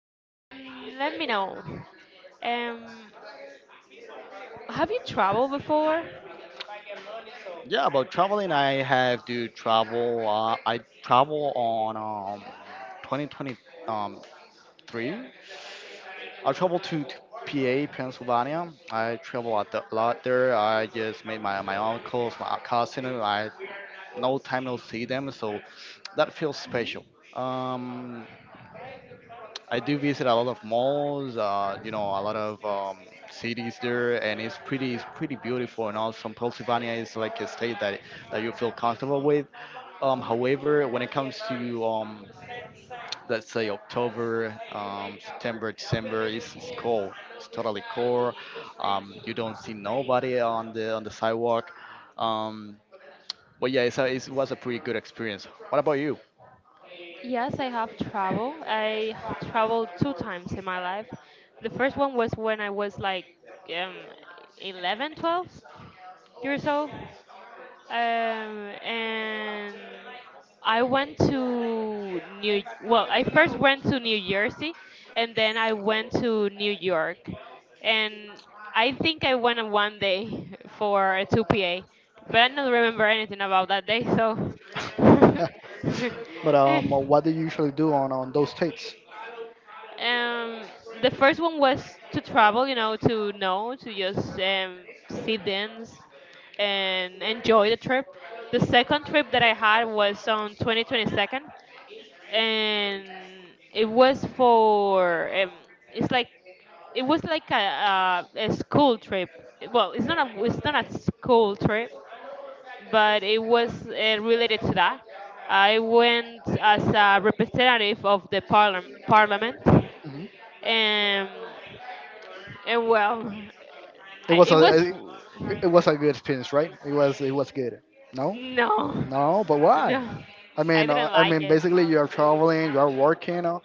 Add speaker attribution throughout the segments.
Speaker 1: let me know. Um, have you traveled before?
Speaker 2: Yeah, about traveling, I have to travel. I travel on um, 2023. I travel to PA, Pennsylvania. I travel a lot there. I just made my uncles, my cousin. I no time no see them, so that feels special.
Speaker 1: Hmm.
Speaker 2: Um, I do visit a lot of malls, a lot of cities there, and it's pretty beautiful. And also, Pennsylvania is like a state that you feel comfortable with.
Speaker 1: Hmm.
Speaker 2: However, when it comes to let's say October, September, December, it's cold. It's totally cold. You don't see nobody on the sidewalk. Um, but yeah, it was a pretty good experience. What about you?
Speaker 1: Yes, I have traveled. I traveled two times in my life. The first one was when I was like um, 11, 12 years old. And I went to New. Well, I first went to New Jersey, and then I went to New York, and I think I went on one day for a 2PA, but I don't remember anything about that day. So,
Speaker 2: But what do you usually do on those dates?
Speaker 1: Um, the first one was to travel, to know, to just see things and enjoy the trip. The second trip that I had was on 2022nd, and it was for it's like it was like a school trip. Well, it's not a school trip, but it was related to that. I went as a representative of the parliament.
Speaker 2: Mhm.
Speaker 1: Um, and well,
Speaker 2: It
Speaker 1: I,
Speaker 2: was
Speaker 1: it
Speaker 2: a
Speaker 1: was
Speaker 2: it
Speaker 1: fu-
Speaker 2: it was a good experience, right? It was good. No,
Speaker 1: no,
Speaker 2: no, but why?
Speaker 1: no, I didn't
Speaker 2: I
Speaker 1: like
Speaker 2: mean,
Speaker 1: it.
Speaker 2: basically you are traveling, you are working. Uh,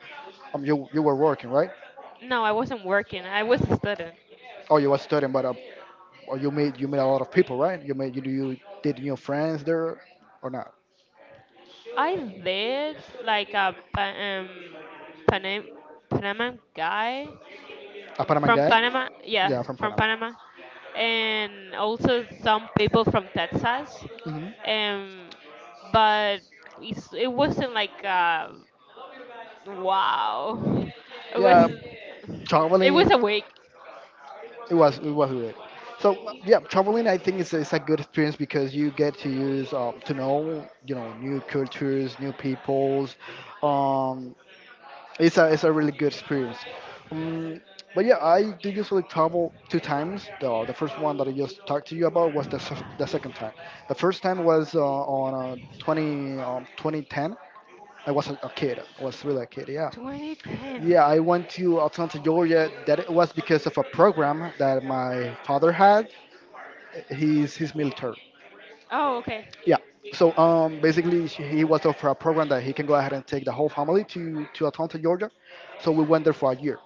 Speaker 2: um, You were working, right?
Speaker 1: No, I wasn't working. I was a student.
Speaker 2: Oh, you were studying, but or you made a lot of people, right? You made you You did new friends there or not?
Speaker 1: I did like a Panam Panama guy
Speaker 2: A Panama
Speaker 1: from
Speaker 2: guy?
Speaker 1: Panama. Yeah,
Speaker 2: Yeah, from
Speaker 1: from
Speaker 2: Panama.
Speaker 1: Panama, and also some people from Texas.
Speaker 2: Mhm.
Speaker 1: Um, but it wasn't like wow. It was
Speaker 2: Yeah,
Speaker 1: it was
Speaker 2: traveling
Speaker 1: a week.
Speaker 2: it was good. So yeah, traveling I think is a good experience because you get to use to know, you know, new cultures, new peoples. Um, it's a really good experience. Um, but yeah, I do usually travel two times. The first one that I just talked to you about was the second time. The first time was on 2010. I was a kid. I was really a kid, yeah.
Speaker 1: 2010.
Speaker 2: Yeah, I went to Atlanta, Georgia. That it was because of a program that my father had. He's military.
Speaker 1: Oh, okay.
Speaker 2: Yeah. So basically, he was offered a program that he can go ahead and take the whole family to Atlanta, Georgia. So we went there for a year.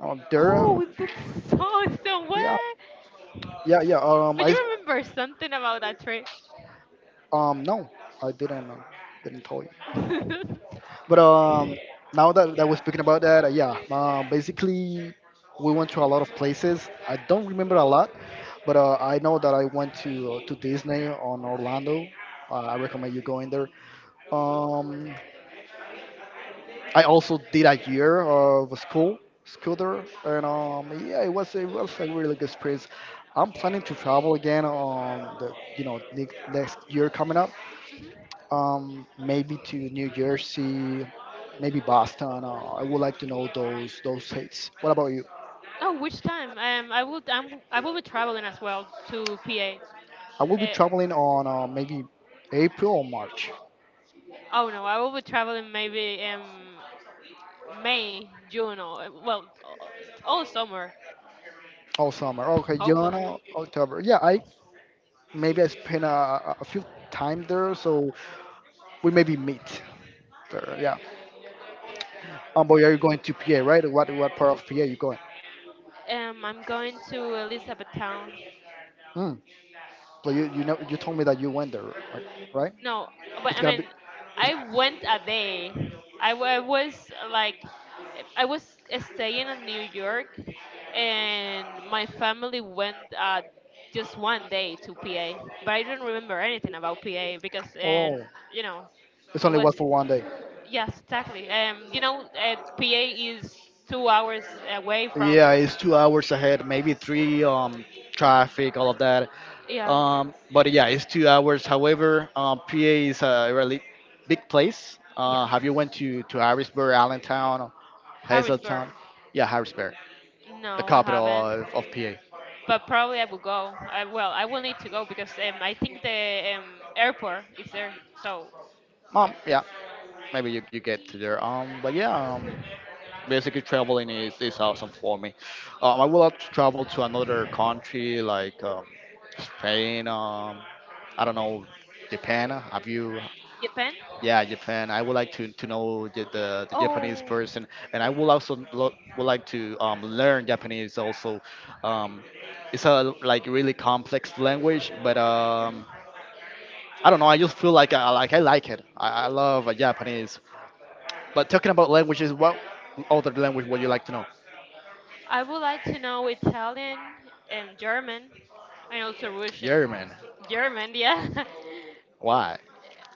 Speaker 2: There,
Speaker 1: Oh, with that song
Speaker 2: yeah,
Speaker 1: somewhere.
Speaker 2: yeah.
Speaker 1: But you remember something about that trip?
Speaker 2: No, I didn't tell you. But now that we're speaking about that, yeah, basically we went to a lot of places. I don't remember a lot, but I know that I went to Disney on Orlando. I recommend you going there. Um, I also did a year of school there, and yeah, it was a really good experience. I'm planning to travel again on the you know ne- next year coming up,
Speaker 1: Mhm.
Speaker 2: maybe to New Jersey, maybe Boston. I would like to know those states. What about you?
Speaker 1: Oh, which time? I will be traveling as well to PA.
Speaker 2: I will be
Speaker 1: Uh,
Speaker 2: traveling on maybe April or March
Speaker 1: oh no, I will be traveling maybe May, June, or well, all summer
Speaker 2: all summer. Okay, June,
Speaker 1: hopefully.
Speaker 2: October. Yeah, I maybe I spend a few time there, so we maybe meet there. Yeah. But are you going to PA, right? What part of PA you going?
Speaker 1: I'm going to Elizabethtown.
Speaker 2: Mm. So you know you told me that you went there, right?
Speaker 1: No, but
Speaker 2: It's
Speaker 1: I
Speaker 2: gonna
Speaker 1: mean,
Speaker 2: be.
Speaker 1: I went a day. I, wa- I was like I was staying in New York, and my family went just one day to PA, but I don't remember anything about PA, because, and
Speaker 2: Oh,
Speaker 1: you know
Speaker 2: it's
Speaker 1: it
Speaker 2: only
Speaker 1: was.
Speaker 2: was for 1 day.
Speaker 1: Yes, exactly. PA is 2 hours away from...
Speaker 2: Yeah, it's 2 hours ahead, maybe three. Traffic, all of that.
Speaker 1: Yeah,
Speaker 2: But yeah, it's 2 hours. However, PA is a really big place.
Speaker 1: yeah.
Speaker 2: Have you went to Harrisburg, Allentown,
Speaker 1: Harrisburg.
Speaker 2: Hazeltown? Yeah, Harrisburg, the
Speaker 1: No, I
Speaker 2: capital
Speaker 1: haven't,
Speaker 2: of PA.
Speaker 1: but probably I will go. Well, I will need to go because I think the airport is there. So yeah,
Speaker 2: Yeah, you get to there. But yeah, basically is awesome for me. I would like to travel to another country like Spain. I don't know, Japan. Have you?
Speaker 1: Japan.
Speaker 2: Yeah, Japan. I would like to know the Japanese
Speaker 1: Oh,
Speaker 2: person, and I would also would like to learn Japanese also. Um, it's a like really complex language, but
Speaker 1: mhm.
Speaker 2: I don't know. I just feel like I like it. I love Japanese. But talking about languages, what other language would you like to know?
Speaker 1: I would like to know Italian, German, and also Russian.
Speaker 2: German.
Speaker 1: German, yeah.
Speaker 2: Why?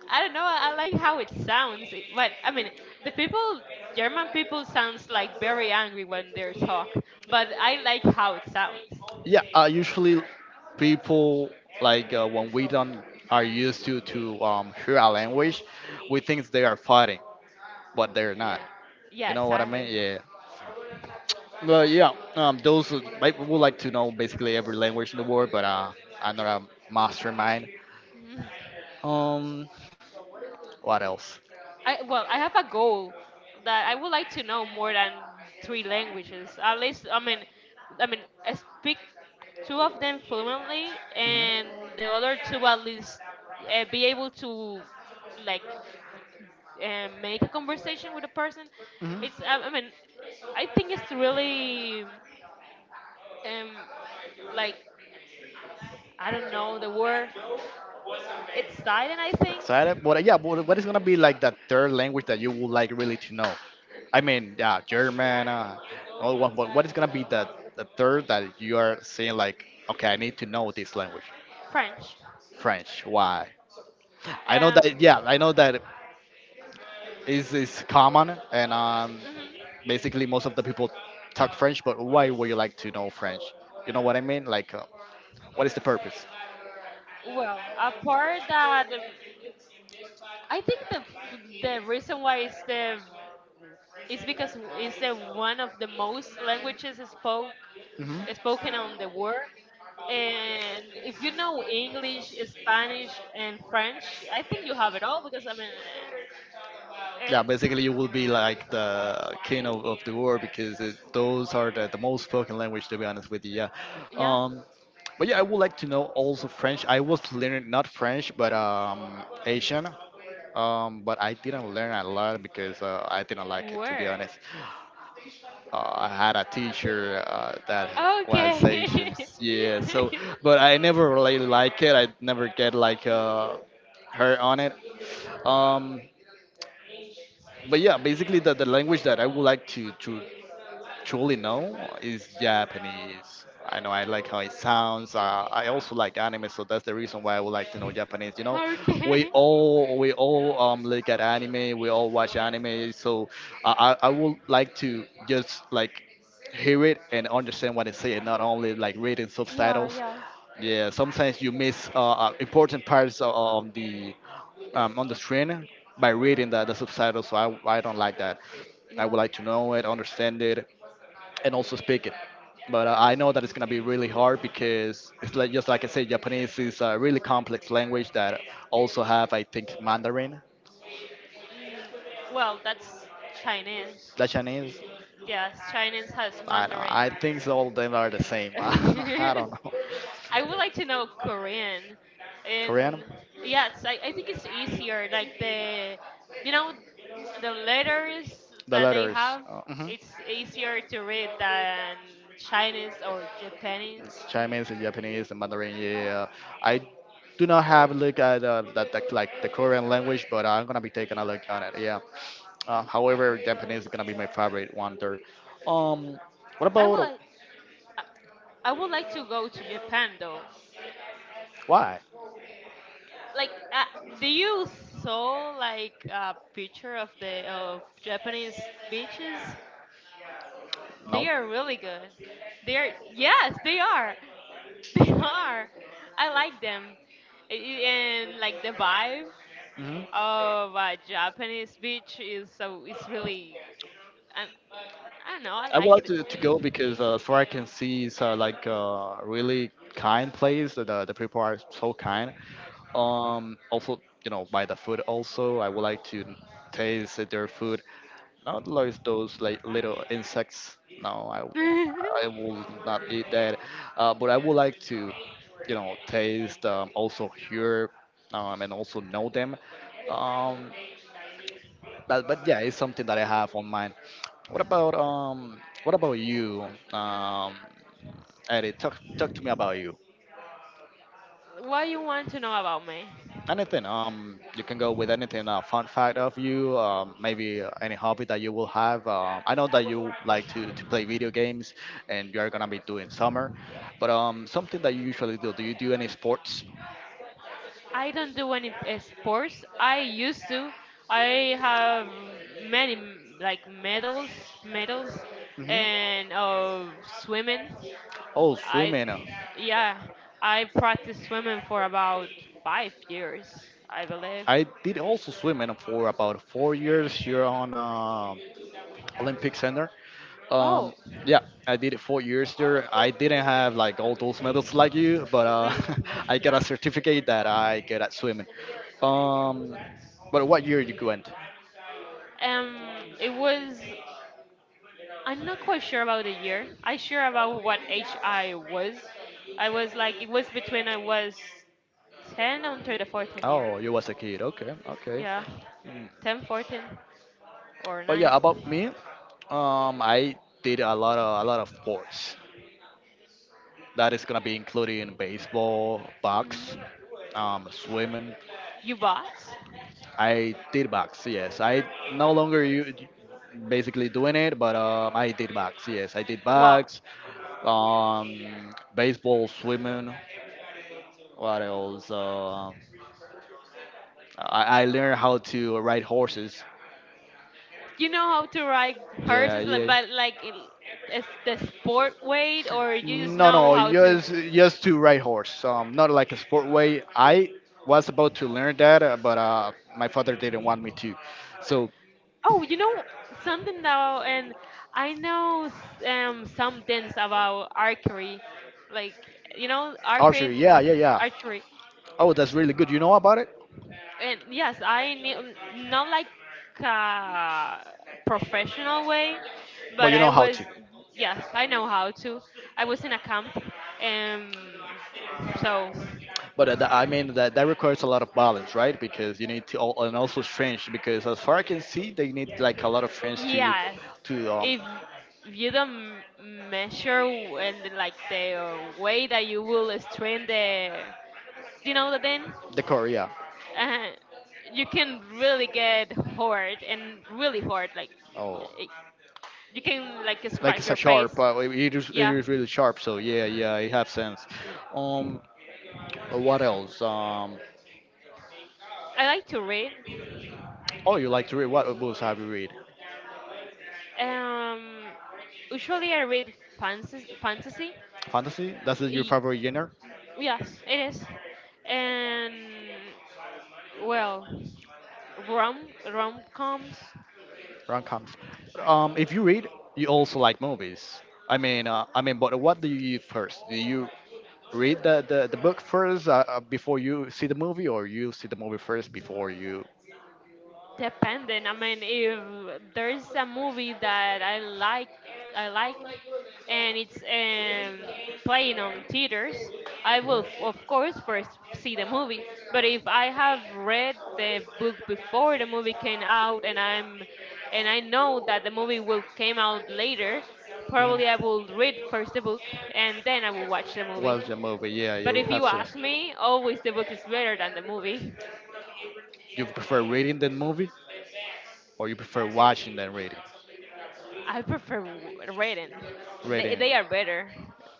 Speaker 1: I don't know. I like how it sounds, but I mean, the people, German people, sounds like very angry when they talk. But I like how it sounds.
Speaker 2: Yeah, usually people like when we don't are used to hear a language, we think they are fighting, but they're not.
Speaker 1: Yeah. Yeah,
Speaker 2: You know what I mean?
Speaker 1: exactly.
Speaker 2: Yeah. Well, yeah, those who might would like to know basically every language in the world, but I'm not a mastermind. Um, what else?
Speaker 1: I Well, I have a goal that I would like to know more than three languages. At least, I mean, I speak two of them fluently, and the other two at least be able to like make a conversation with a person.
Speaker 2: Mhm. Mhm.
Speaker 1: I mean, I think it's really um like I don't know the word. It's silent, I think
Speaker 2: Excited? But yeah, but what is gonna be like that third language that you would like really to know? I mean, yeah, German, all one, but what is gonna be the third that you are saying like, okay, I need to know this language?
Speaker 1: French.
Speaker 2: French. Why? I know
Speaker 1: Um,
Speaker 2: that. Yeah, I know that is common and
Speaker 1: mhm.
Speaker 2: basically most of the people talk French. But why would you like to know French? You know what I mean? Like, what is the purpose?
Speaker 1: Well, a part that. I think the reason why is because it's the one of the most languages
Speaker 2: Hmm.
Speaker 1: spoken on the world. And if you know English, Spanish, and French, I think you have it all because, I mean, and
Speaker 2: Yeah, basically you will be like the king of the world because it, those are the most spoken language to be honest with you. Yeah.
Speaker 1: yeah,
Speaker 2: Um, but yeah, I would like to know also French. I was learning not French, but Asian. But I didn't learn a lot because I didn't like it to be
Speaker 1: where?
Speaker 2: honest. I had a teacher that
Speaker 1: Okay,
Speaker 2: was Asian, yeah. So, but I never really like it. I never get like her on it. Um, but yeah, basically the language that I would like to truly no, is Japanese. I know I like how it sounds. I also like anime, so that's the reason why I would like to know Japanese. You know,
Speaker 1: okay,
Speaker 2: we all look at anime, we all watch anime, so I would like to just like hear it and understand what they say, and not only like reading
Speaker 1: yeah,
Speaker 2: subtitles.
Speaker 1: yeah,
Speaker 2: Yeah, sometimes you miss important parts of the on the screen by reading the subtitles, so I don't like that. I
Speaker 1: yeah.
Speaker 2: would like to know it, understand it, and also speak it. But I know that it's gonna be really hard because it's like just like I said, Japanese is a really complex language that also have I think Mandarin,
Speaker 1: Mm, well, that's Chinese.
Speaker 2: the Chinese.
Speaker 1: Yes, Chinese has
Speaker 2: I know.
Speaker 1: Mandarin.
Speaker 2: I think so all of them are the same. I don't know.
Speaker 1: I would like to know Korean, and
Speaker 2: Korean?
Speaker 1: yes, I think it's easier. Like the, you know, letters
Speaker 2: The
Speaker 1: that they
Speaker 2: letters.
Speaker 1: have,
Speaker 2: Mhm.
Speaker 1: it's easier to read than Chinese or Japanese.
Speaker 2: Chinese and Japanese and Mandarin. Yeah, I do not have a look at that like the Korean language, but I'm gonna be taking a look on it. Yeah. However, Japanese is gonna be my favorite one there. Um, what
Speaker 1: I
Speaker 2: about
Speaker 1: would like, I I would like to go to Japan though.
Speaker 2: why?
Speaker 1: Like, do you saw like a picture of the of Japanese beaches?
Speaker 2: No.
Speaker 1: They are really good. They are, yes, they are. They are. I like them. And like the vibe
Speaker 2: Mhm.
Speaker 1: of a Japanese beach is so it's really, I, I don't know, I
Speaker 2: I would
Speaker 1: like
Speaker 2: like
Speaker 1: it.
Speaker 2: to go because as far I can see, it's like a really kind place. The people are so kind. Also, you know, by the food also, I would like to taste their food. Not like those like little insects. No, I will not eat that. But I would like to, you know, taste also hear and also know them. Um. But yeah, it's something that I have on mind. What about um? What about you, um, Eddie? Talk to me about you.
Speaker 1: What you want to know about me?
Speaker 2: Anything you can go with anything. A fun fact of you, maybe any hobby that you will have. I know that you like to play video games, and you are gonna be doing summer. But something that you usually do. Do you do any sports?
Speaker 1: I don't do any sports. I used to. I have many like medals, medals,
Speaker 2: Hmm.
Speaker 1: and of swimming.
Speaker 2: Oh,
Speaker 1: I,
Speaker 2: swimming.
Speaker 1: yeah, I practiced swimming for about 5 years, I believe.
Speaker 2: I did also swimming for about 4 years here on. Olympic Center.
Speaker 1: Oh.
Speaker 2: Um, yeah, I did it 4 years there. I didn't have like all those medals like you, but
Speaker 1: mm,
Speaker 2: I got a certificate that I get at swimming. Um, but what year you went?
Speaker 1: it was. I'm not quite sure about the year. I sure about what age I was. I was like it was between I was 10 until the 14th year.
Speaker 2: Oh, you was a kid. Okay, okay.
Speaker 1: Yeah,
Speaker 2: Mm.
Speaker 1: 10, 14 or
Speaker 2: But
Speaker 1: 9.
Speaker 2: yeah, about me, I did a lot of sports. That is gonna be including baseball, box,
Speaker 1: Mm.
Speaker 2: swimming.
Speaker 1: You bought?
Speaker 2: I did box, yes. I no longer u- Basically doing it, but I did box, yes. I did
Speaker 1: Wow.
Speaker 2: box, baseball, swimming. What else? I learned how to ride horses.
Speaker 1: You know how to ride
Speaker 2: Yeah,
Speaker 1: horses, like,
Speaker 2: yeah.
Speaker 1: but like in, it's the sport way, or you just
Speaker 2: No,
Speaker 1: know
Speaker 2: no,
Speaker 1: how to?
Speaker 2: just to ride horse. Not like a sport way. I was about to learn that, but my father didn't want me to. So
Speaker 1: Oh, you know something though, and I know some things about archery, like you know archery,
Speaker 2: Archery, yeah, yeah.
Speaker 1: archery,
Speaker 2: Oh, that's really good. You know about it?
Speaker 1: and yes, I knew not like a professional way,
Speaker 2: But
Speaker 1: but
Speaker 2: you
Speaker 1: I
Speaker 2: know how
Speaker 1: was,
Speaker 2: to.
Speaker 1: yes, I know how to. I was in a camp, um, so
Speaker 2: But that- I mean that that requires a lot of balance, right? Because you need to, al- and also strength. Because as far I can see, they need like a lot of strength
Speaker 1: yes,
Speaker 2: to
Speaker 1: if you don't measure and like the way that you will strain the, that then
Speaker 2: the Korea.
Speaker 1: uh, you can really get hurt and really hurt. Like, y- you can
Speaker 2: Oh,
Speaker 1: like
Speaker 2: like
Speaker 1: scratch
Speaker 2: it's a
Speaker 1: your face.
Speaker 2: sharp. It it is it yeah.
Speaker 1: Yeah,
Speaker 2: Is really sharp. So yeah, yeah, it has sense. Um, what else?
Speaker 1: I like to read.
Speaker 2: Oh, you like to read? What books have you read?
Speaker 1: um Usually I read fantasy.
Speaker 2: Fantasy? That's your
Speaker 1: Y-
Speaker 2: favorite genre?
Speaker 1: yes, it is. And well, rom coms.
Speaker 2: Rom coms. If you read, you also like movies. I mean, but what do you eat first? Do you read the book first before you see the movie, or you see the movie first before you?
Speaker 1: Dependent. I mean, if there's a movie that I like, and it's playing on theaters, I will of course first see the movie. But if I have read the book before the movie came out, and I know that the movie will came out later, probably I will read first the book, and then I will watch the movie.
Speaker 2: Watch the movie. Yeah, yeah,
Speaker 1: But
Speaker 2: you
Speaker 1: if you
Speaker 2: have to.
Speaker 1: ask me, always the book is better than the movie.
Speaker 2: You prefer reading than movie, or you prefer watching than reading?
Speaker 1: I prefer written. They
Speaker 2: Reading.
Speaker 1: they are better.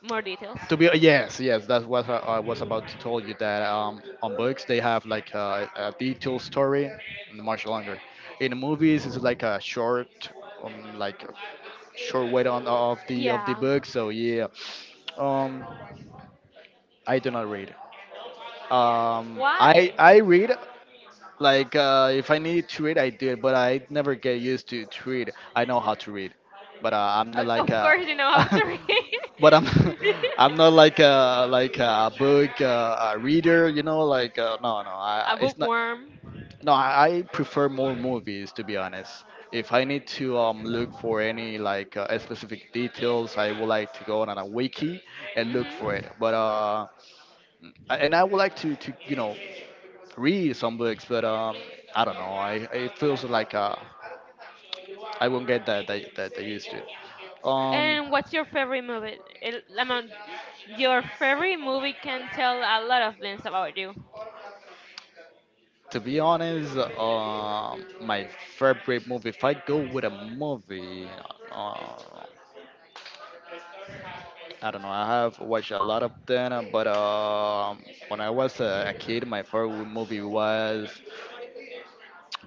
Speaker 1: More details.
Speaker 2: Yes, that's what I was about to tell you that on books they have like a detailed story, and much longer. In movies, it's like a short way on of the
Speaker 1: Yeah.
Speaker 2: book. So yeah, um, I do not read. I
Speaker 1: Why?
Speaker 2: I read like if I need to read, I do it, but I never get used to read. I know how to read, but I'm not like
Speaker 1: Of
Speaker 2: a,
Speaker 1: course you know how to read.
Speaker 2: but I'm I'm not like a like a book a reader. You know, like no no
Speaker 1: A
Speaker 2: it's
Speaker 1: bookworm.
Speaker 2: no I prefer more movies to be honest. If I need to look for any like specific details, I would like to go on a wiki and look for it.
Speaker 1: Hmm.
Speaker 2: But and I would like to you know read some books, but I don't know. I it feels like I won't get that I used to.
Speaker 1: And what's your favorite movie? El- I Your favorite movie can tell a lot of things about you.
Speaker 2: To be honest, my favorite movie. If I go with a movie, uh, I don't know. I have watched a lot of them, but when I was a kid, my favorite movie was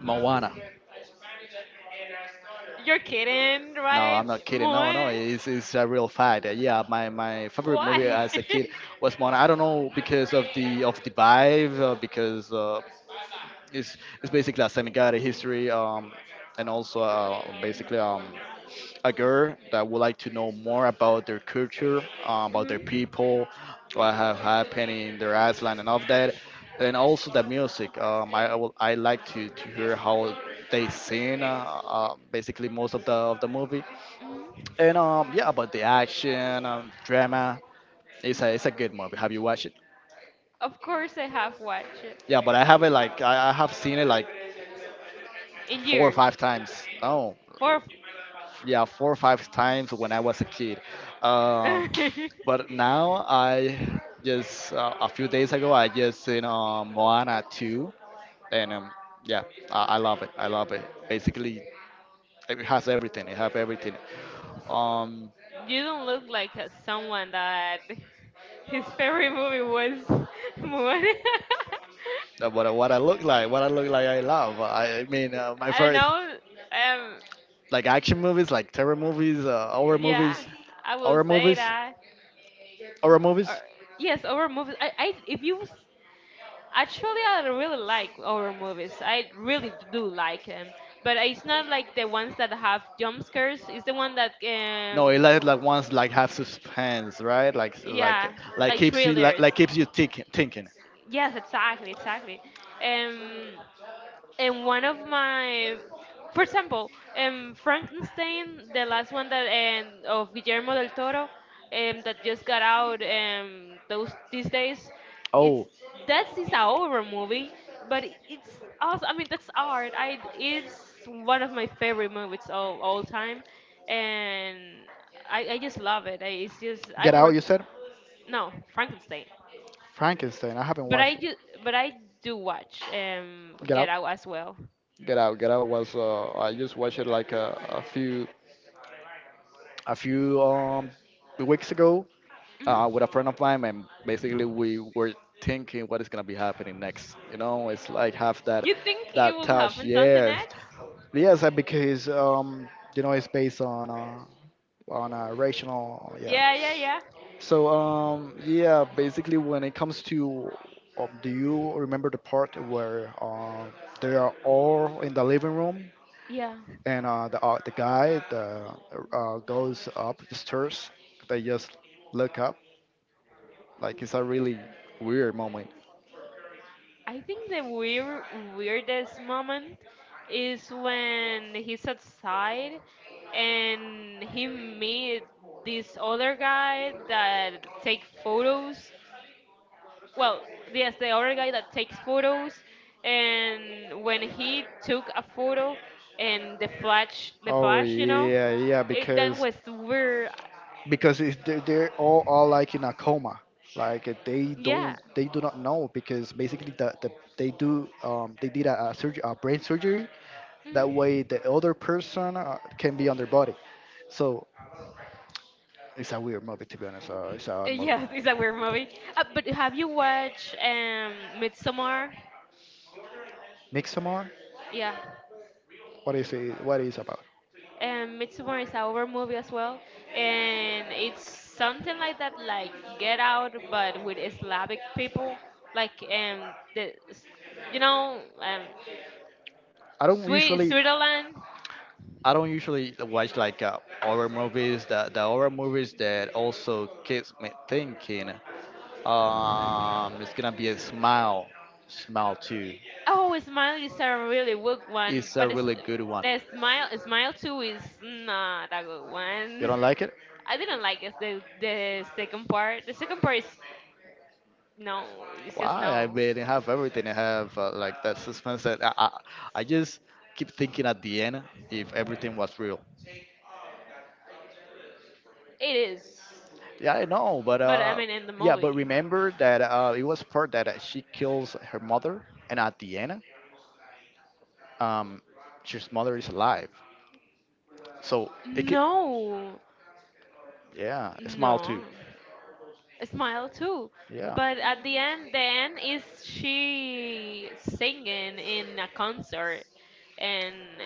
Speaker 2: Moana.
Speaker 1: You're kidding,
Speaker 2: No,
Speaker 1: right?
Speaker 2: I'm not kidding. No, no,
Speaker 1: Moana?
Speaker 2: it's a real fact. Yeah, my favorite movie
Speaker 1: Why?
Speaker 2: as a kid was Moana. I don't know because of the vibe, because it's it's basically a semi-guided history, and also basically a girl that would like to know more about their culture, about their
Speaker 1: Hmm.
Speaker 2: people, what have happened in their island, and all of that, and also the music. I like to hear how they sing. Basically, most of the movie
Speaker 1: Hmm.
Speaker 2: and yeah, about the action, drama, it's a good movie. Have you watched it?
Speaker 1: Of course I have watched it
Speaker 2: Yeah, but I have it like I have seen it like
Speaker 1: in
Speaker 2: four or
Speaker 1: years.
Speaker 2: five times. Oh,
Speaker 1: For.
Speaker 2: yeah, four or five times when I was a kid. Um, but now I just a few days ago I just seen Moana two, and yeah, I love it. I love it. Basically, it has everything. It has everything. Um,
Speaker 1: You don't look like someone that his favorite movie was Moana.
Speaker 2: What I look like, what I look like, I love. I mean, my
Speaker 1: I don't
Speaker 2: first
Speaker 1: know. Um,
Speaker 2: like action movies, like terror movies,
Speaker 1: yeah, I will
Speaker 2: horror
Speaker 1: say
Speaker 2: movies,
Speaker 1: that.
Speaker 2: horror
Speaker 1: Or,
Speaker 2: movies.
Speaker 1: yes, horror movies. I, if you s- Actually, I really like horror movies. I really do like them, but it's not like the ones that have jump scares. It's the one that,
Speaker 2: No, it like ones like have suspense, right?
Speaker 1: yeah, like
Speaker 2: Keeps you
Speaker 1: thrillers.
Speaker 2: keeps you thinking.
Speaker 1: Yes, exactly, exactly. Um, and one of my for example, Frankenstein, the last one that, of Guillermo del Toro, that just got out, those these days. it's
Speaker 2: Oh,
Speaker 1: that's is a horror movie, but it's also, I mean, that's art. I It's one of my favorite movies of all time. And I just love it. I, it's just I
Speaker 2: Get
Speaker 1: would
Speaker 2: Out, you
Speaker 1: rec-
Speaker 2: said?
Speaker 1: No, Frankenstein.
Speaker 2: Frankenstein. I haven't
Speaker 1: But I
Speaker 2: watched
Speaker 1: do. But I do watch
Speaker 2: Get
Speaker 1: Get
Speaker 2: Out.
Speaker 1: Out as well.
Speaker 2: Get Out. Get Out was I just watched it like a few weeks ago
Speaker 1: Mm-hmm.
Speaker 2: with a friend of mine, and basically we were thinking what is gonna be happening next. You know, it's like have that
Speaker 1: You think it
Speaker 2: that
Speaker 1: will
Speaker 2: touch.
Speaker 1: happen something
Speaker 2: Yes,
Speaker 1: else?
Speaker 2: Yes, because you know it's based on a rational, yeah.
Speaker 1: Yeah, yeah, yeah.
Speaker 2: So yeah, basically when it comes to um, do you remember the part where they are all in the living room
Speaker 1: Yeah.
Speaker 2: and the guy the goes up the stairs. They just look up. Like it's a really weird moment.
Speaker 1: I think the weirdest moment is when he's outside and he meet this other guy that take photos. Well, yes, the other guy that takes photos, and when he took a photo, and the
Speaker 2: Oh
Speaker 1: flash,
Speaker 2: yeah, yeah.
Speaker 1: that
Speaker 2: Because
Speaker 1: was weird.
Speaker 2: because they're all are like in a coma like
Speaker 1: Yeah.
Speaker 2: they do not know because basically they did a surgery a brain surgery that
Speaker 1: Mhm.
Speaker 2: way the other person can be on their body so it's a weird movie to be honest it's a
Speaker 1: Yes, it's a weird movie. But have you watched Midsommar?
Speaker 2: Midsommar
Speaker 1: Yeah.
Speaker 2: what is it What is it about?
Speaker 1: Midsommar is a horror movie as well, and it's something like that, like Get Out, but with Slavic people, like the, s- you know,
Speaker 2: I don't
Speaker 1: Sweet
Speaker 2: usually
Speaker 1: Switzerland.
Speaker 2: I don't usually watch like horror movies. The horror movies that also kids me thinking. It's gonna be a smile, smile too.
Speaker 1: Oh, Smile is a really good one,
Speaker 2: It's a
Speaker 1: but
Speaker 2: really good one.
Speaker 1: the Smile Two is not a good
Speaker 2: You
Speaker 1: one.
Speaker 2: don't like it?
Speaker 1: I didn't like it, the second part. The second part is no. It's just
Speaker 2: Why? I
Speaker 1: no.
Speaker 2: mean, it have everything. It have like that suspense. And I just keep thinking at the end if everything was real.
Speaker 1: It is.
Speaker 2: Yeah, I know, but
Speaker 1: But I mean, in the
Speaker 2: yeah, but
Speaker 1: movie.
Speaker 2: remember that it was part that she kills her mother, and at the end, um, her mother is alive. So it could,
Speaker 1: No.
Speaker 2: yeah, a smile too.
Speaker 1: No. Smile too.
Speaker 2: Yeah.
Speaker 1: But at the end, then is she singing in a concert and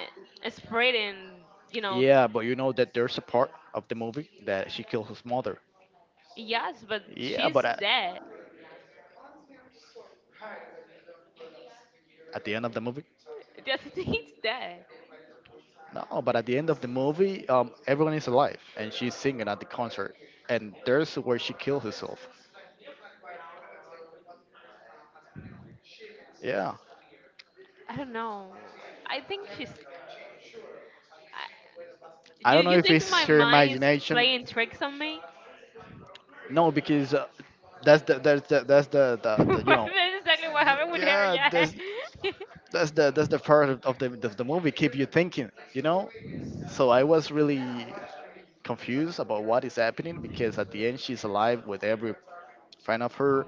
Speaker 1: spreading, you know,
Speaker 2: Yeah, but you know that there's a part of the movie that she kills his mother.
Speaker 1: yes, but
Speaker 2: Yeah,
Speaker 1: she's dead.
Speaker 2: at the end of the movie.
Speaker 1: Yes, I think it's dead.
Speaker 2: No, but at the end of the movie, everyone is alive, and she's singing at the concert, and there's where she kills herself. Yeah,
Speaker 1: I don't know. I think she's. I,
Speaker 2: I
Speaker 1: you
Speaker 2: don't know
Speaker 1: you
Speaker 2: if
Speaker 1: think my
Speaker 2: it's her
Speaker 1: mind is
Speaker 2: imagination.
Speaker 1: playing tricks on me?
Speaker 2: No, because that's the that's the that's the you
Speaker 1: That's
Speaker 2: know
Speaker 1: exactly what happened with her.
Speaker 2: yeah
Speaker 1: Yeah.
Speaker 2: that's the part of the movie keep you thinking you know. So I was really confused about what is happening because at the end she's alive with every friend of her,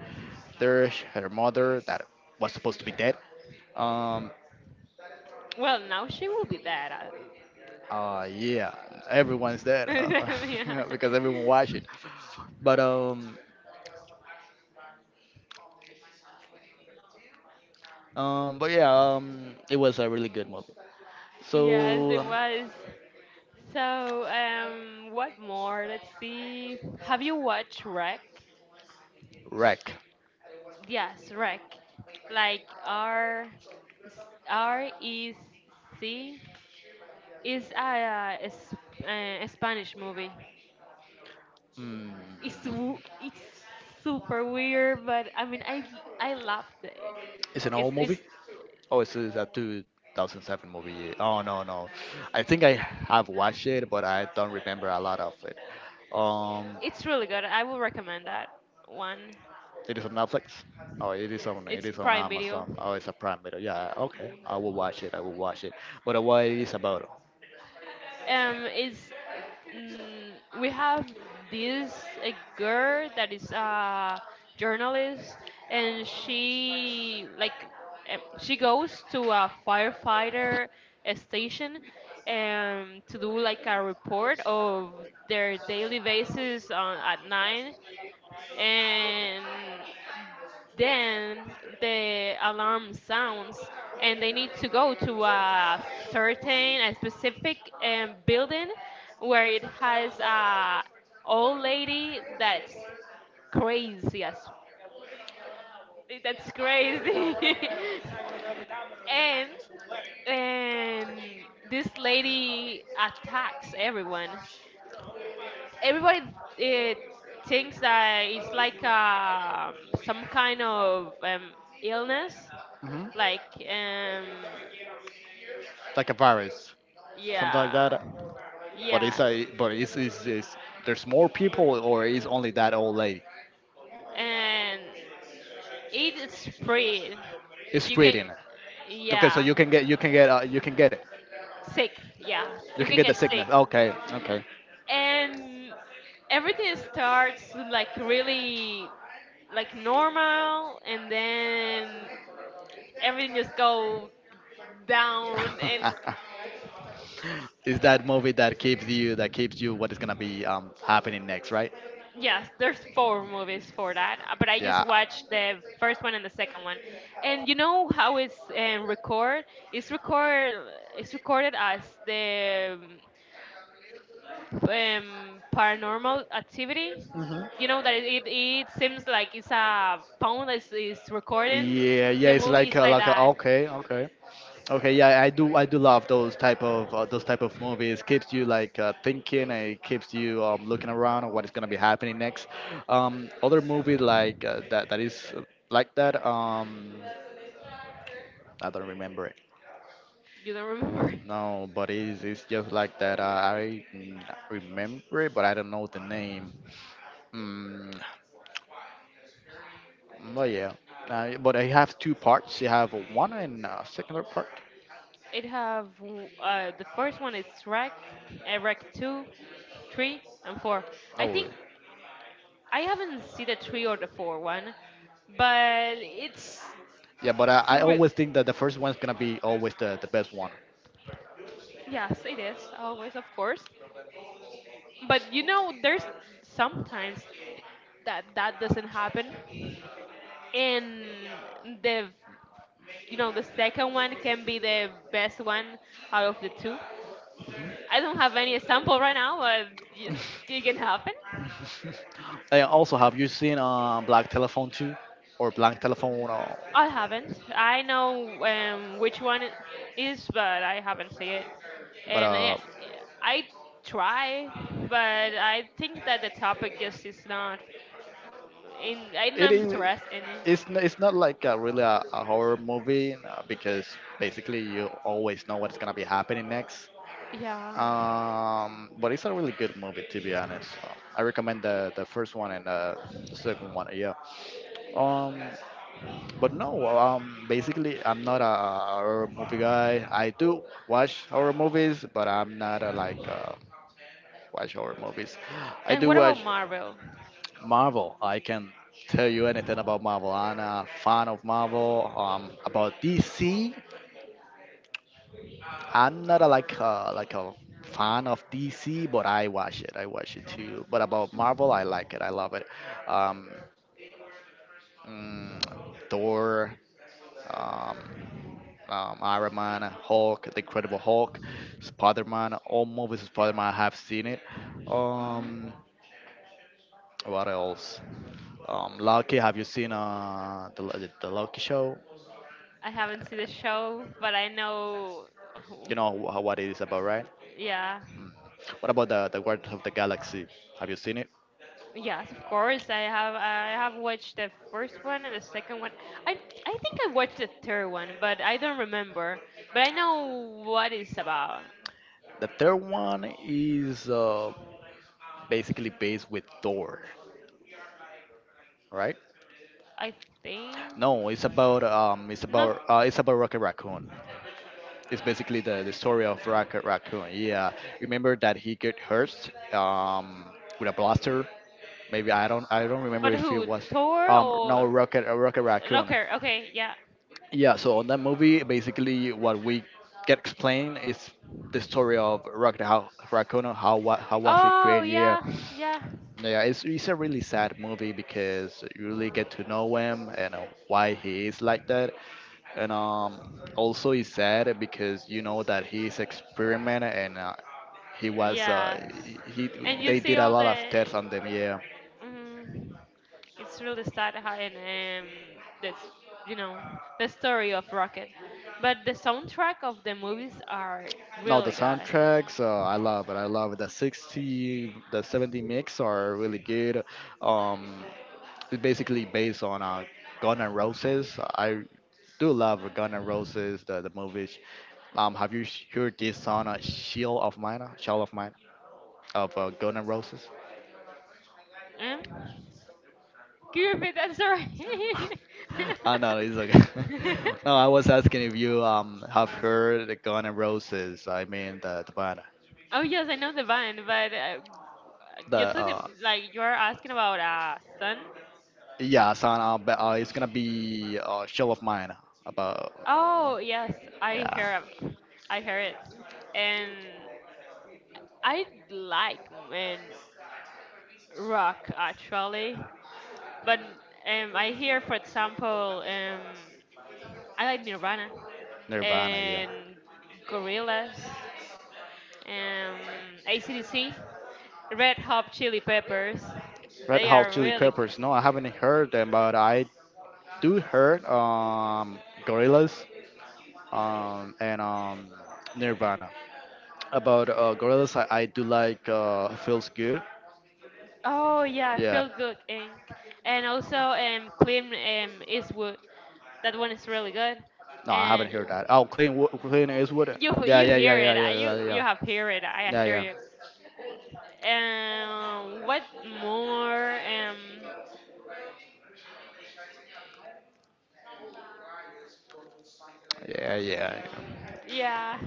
Speaker 2: there, her mother that was supposed to be dead. Um,
Speaker 1: Well, now she will be dead.
Speaker 2: yeah, everyone's dead
Speaker 1: Yeah.
Speaker 2: yeah, because everyone watched
Speaker 1: Yeah.
Speaker 2: it. But um, but yeah, it was a really good movie.
Speaker 1: Yes, it
Speaker 2: So,
Speaker 1: was. So, what more? Let's see. Have you watched Rec?
Speaker 2: wreck.
Speaker 1: Yes, Rec. Like REC is a Spanish movie.
Speaker 2: Hmm.
Speaker 1: It's super weird, but I mean, I loved it.
Speaker 2: It's an
Speaker 1: It's
Speaker 2: old movie.
Speaker 1: it's
Speaker 2: Oh, it's a 2007 movie. Oh no no, I think I have watched it, but I don't remember a lot of it. Um,
Speaker 1: it's really good. I will recommend that one.
Speaker 2: It is on Netflix. Oh, it
Speaker 1: It's
Speaker 2: is on
Speaker 1: Prime Video.
Speaker 2: Amazon. Oh, it's a Prime Video. Yeah, okay. I will watch it. I will watch it. But what it is about?
Speaker 1: um is we have this a girl that is a journalist, and she goes to a firefighter station to do like a report of their daily basis on at nine, and then the alarm sounds, and they need to go to a specific building where it has a old lady that's crazy as, that's crazy. and and this lady attacks everyone everybody. Thinks that it's like, some kind of, illness,
Speaker 2: Hmm,
Speaker 1: like, um
Speaker 2: like a virus, something like that.
Speaker 1: yeah,
Speaker 2: But
Speaker 1: yeah.
Speaker 2: it's a but it's there's more people or is only that old lady?
Speaker 1: And it is spread.
Speaker 2: It's
Speaker 1: You can,
Speaker 2: spreading. Okay, so
Speaker 1: yeah,
Speaker 2: you can get it.
Speaker 1: sick. Yeah,
Speaker 2: You
Speaker 1: you
Speaker 2: can
Speaker 1: can
Speaker 2: get the
Speaker 1: get sick,
Speaker 2: sickness. Okay, okay.
Speaker 1: and everything starts like really, like normal, and then everything just go down. And
Speaker 2: Is that movie that keeps you what is gonna be happening next, right?
Speaker 1: yes, there's four movies for that, but I just
Speaker 2: Yeah.
Speaker 1: watched the first one and the second one. And you know how it's, record? It's record. It's recorded as the, paranormal activity.
Speaker 2: Mhm.
Speaker 1: You know that, it seems like it's a phone that is recording.
Speaker 2: Yeah, yeah,
Speaker 1: The
Speaker 2: it's
Speaker 1: movie
Speaker 2: like
Speaker 1: is like that.
Speaker 2: okay, okay. Okay, yeah, I do. I do love those type of movies. Keeps you like thinking. And it keeps you looking around on what is gonna be happening next. Other movie like that that is like that. I don't remember it.
Speaker 1: You don't remember?
Speaker 2: No, but it's just like that. Remember it, but I don't know the name. Mm, well, yeah. But I have two parts. You have one and second part.
Speaker 1: It have the first one is Rec, Rec two, three, and four. I
Speaker 2: Oh, yeah.
Speaker 1: think I haven't seen the three or the four one, but
Speaker 2: Yeah, but
Speaker 1: it's
Speaker 2: I
Speaker 1: real.
Speaker 2: always think that the first one's gonna be always the best one.
Speaker 1: Yes, it is always, of course. But you know, there's sometimes that that doesn't happen, and the you know the second one can be the best one out of the two. I don't have any example right now, but yes, it can happen.
Speaker 2: I also have you seen Black Telephone 2 or Black Telephone
Speaker 1: I haven't. I know, which one it is, but I haven't seen it.
Speaker 2: but
Speaker 1: And I try, but I think that the topic just is not in. I'm
Speaker 2: it
Speaker 1: not
Speaker 2: is
Speaker 1: interested in it.
Speaker 2: it's it's not like a really a horror movie because basically you always know what's gonna be happening next.
Speaker 1: Yeah.
Speaker 2: But it's a really good movie to be honest. I recommend the first one and the second one. Yeah. Um, but no, basically, I'm not a horror movie guy. I do watch horror movies, but I'm not a like watch horror movies. I
Speaker 1: And
Speaker 2: do
Speaker 1: what about
Speaker 2: watch
Speaker 1: Marvel?
Speaker 2: Marvel. I can tell you anything about Marvel. I'm a fan of Marvel. About DC, I'm not a like a fan of DC, but I watch it. I watch it too. But about Marvel, I like it. I love it. Um, mm, Thor. Um, Iron Man, Hulk, The Incredible Hulk, Spider Man. All movies of Spider Man I have seen it. Um,
Speaker 1: Mm-hmm.
Speaker 2: what else? Loki. Have you seen the Loki show?
Speaker 1: I haven't seen the show, but I know.
Speaker 2: You know what it is about, right?
Speaker 1: Yeah.
Speaker 2: What about the Guardians of the Galaxy? Have you seen it?
Speaker 1: Yes, of course. I have watched the first one and the second one. I I think I watched the third one, but I don't remember. But I know what it's about.
Speaker 2: The third one is basically based with Thor, right?
Speaker 1: I think
Speaker 2: No, it's about
Speaker 1: not.
Speaker 2: it's about Rocket Raccoon. It's basically the story of Rocket Raccoon. Yeah, remember that he got hurt with a blaster. Maybe I don't remember
Speaker 1: But
Speaker 2: if it
Speaker 1: who?
Speaker 2: was
Speaker 1: Thor
Speaker 2: no
Speaker 1: or
Speaker 2: Rocket Rocket Raccoon.
Speaker 1: Locker? Okay, yeah.
Speaker 2: Yeah, so on that movie, basically what we get explained is the story of Rocket how, Raccoon, how what how was it
Speaker 1: Oh
Speaker 2: created? Yeah,
Speaker 1: yeah, yeah,
Speaker 2: no, yeah, it's a really sad movie because you really get to know him and why he is like that, and also it's sad because you know that he's experiment and he was uh,
Speaker 1: yes.
Speaker 2: he, he
Speaker 1: And you
Speaker 2: they
Speaker 1: see
Speaker 2: did a
Speaker 1: all
Speaker 2: lot of
Speaker 1: the.
Speaker 2: tests on them. Yeah.
Speaker 1: Mm. It's really sad how, and that's, you know the story of Rocket, but the soundtrack of the movies are
Speaker 2: No, the
Speaker 1: really good.
Speaker 2: soundtracks, I love it. I love it. The 60s, the 70s mix are really good. Um, it's basically based on Guns N' Roses. I do love Guns N' Roses, the movies. Have you heard this song, Shield of Mine? Uh, Shell of Mine, of Guns N' Roses?
Speaker 1: Um, can you repeat that? Sorry.
Speaker 2: I know, it's okay. No, I was asking if you have heard the Guns N' Roses. I mean the band,
Speaker 1: Oh yes, I know the band, but you're
Speaker 2: the
Speaker 1: talking like you're asking about Sun.
Speaker 2: yeah, so it's gonna be a show of mine about
Speaker 1: Oh yes, I
Speaker 2: yeah.
Speaker 1: hear ab- I hear it, and I like man rock actually. But I hear, for example, I like Nirvana
Speaker 2: Nirvana, yeah.
Speaker 1: and Gorillaz, um, ACDC, Red Hot Chili Peppers.
Speaker 2: Red
Speaker 1: They
Speaker 2: Hot
Speaker 1: are
Speaker 2: Chili
Speaker 1: really good.
Speaker 2: Peppers. No, I haven't heard them, but I do heard Gorillaz and Nirvana. About Gorillaz, I do like Feels Good.
Speaker 1: Oh yeah,
Speaker 2: Yeah.
Speaker 1: Feel Good Inc. And also Clint, Eastwood. That one is really good.
Speaker 2: No, I haven't
Speaker 1: And
Speaker 2: heard that. Oh, Clean, Wo- Clean Eastwood. Yeah,
Speaker 1: you
Speaker 2: yeah, yeah,
Speaker 1: hear
Speaker 2: yeah, yeah,
Speaker 1: it. I-
Speaker 2: yeah,
Speaker 1: You you
Speaker 2: yeah, yeah,
Speaker 1: have hear it. I
Speaker 2: yeah,
Speaker 1: assure
Speaker 2: yeah.
Speaker 1: you. What more?
Speaker 2: Yeah. Yeah, yeah.
Speaker 1: Yeah.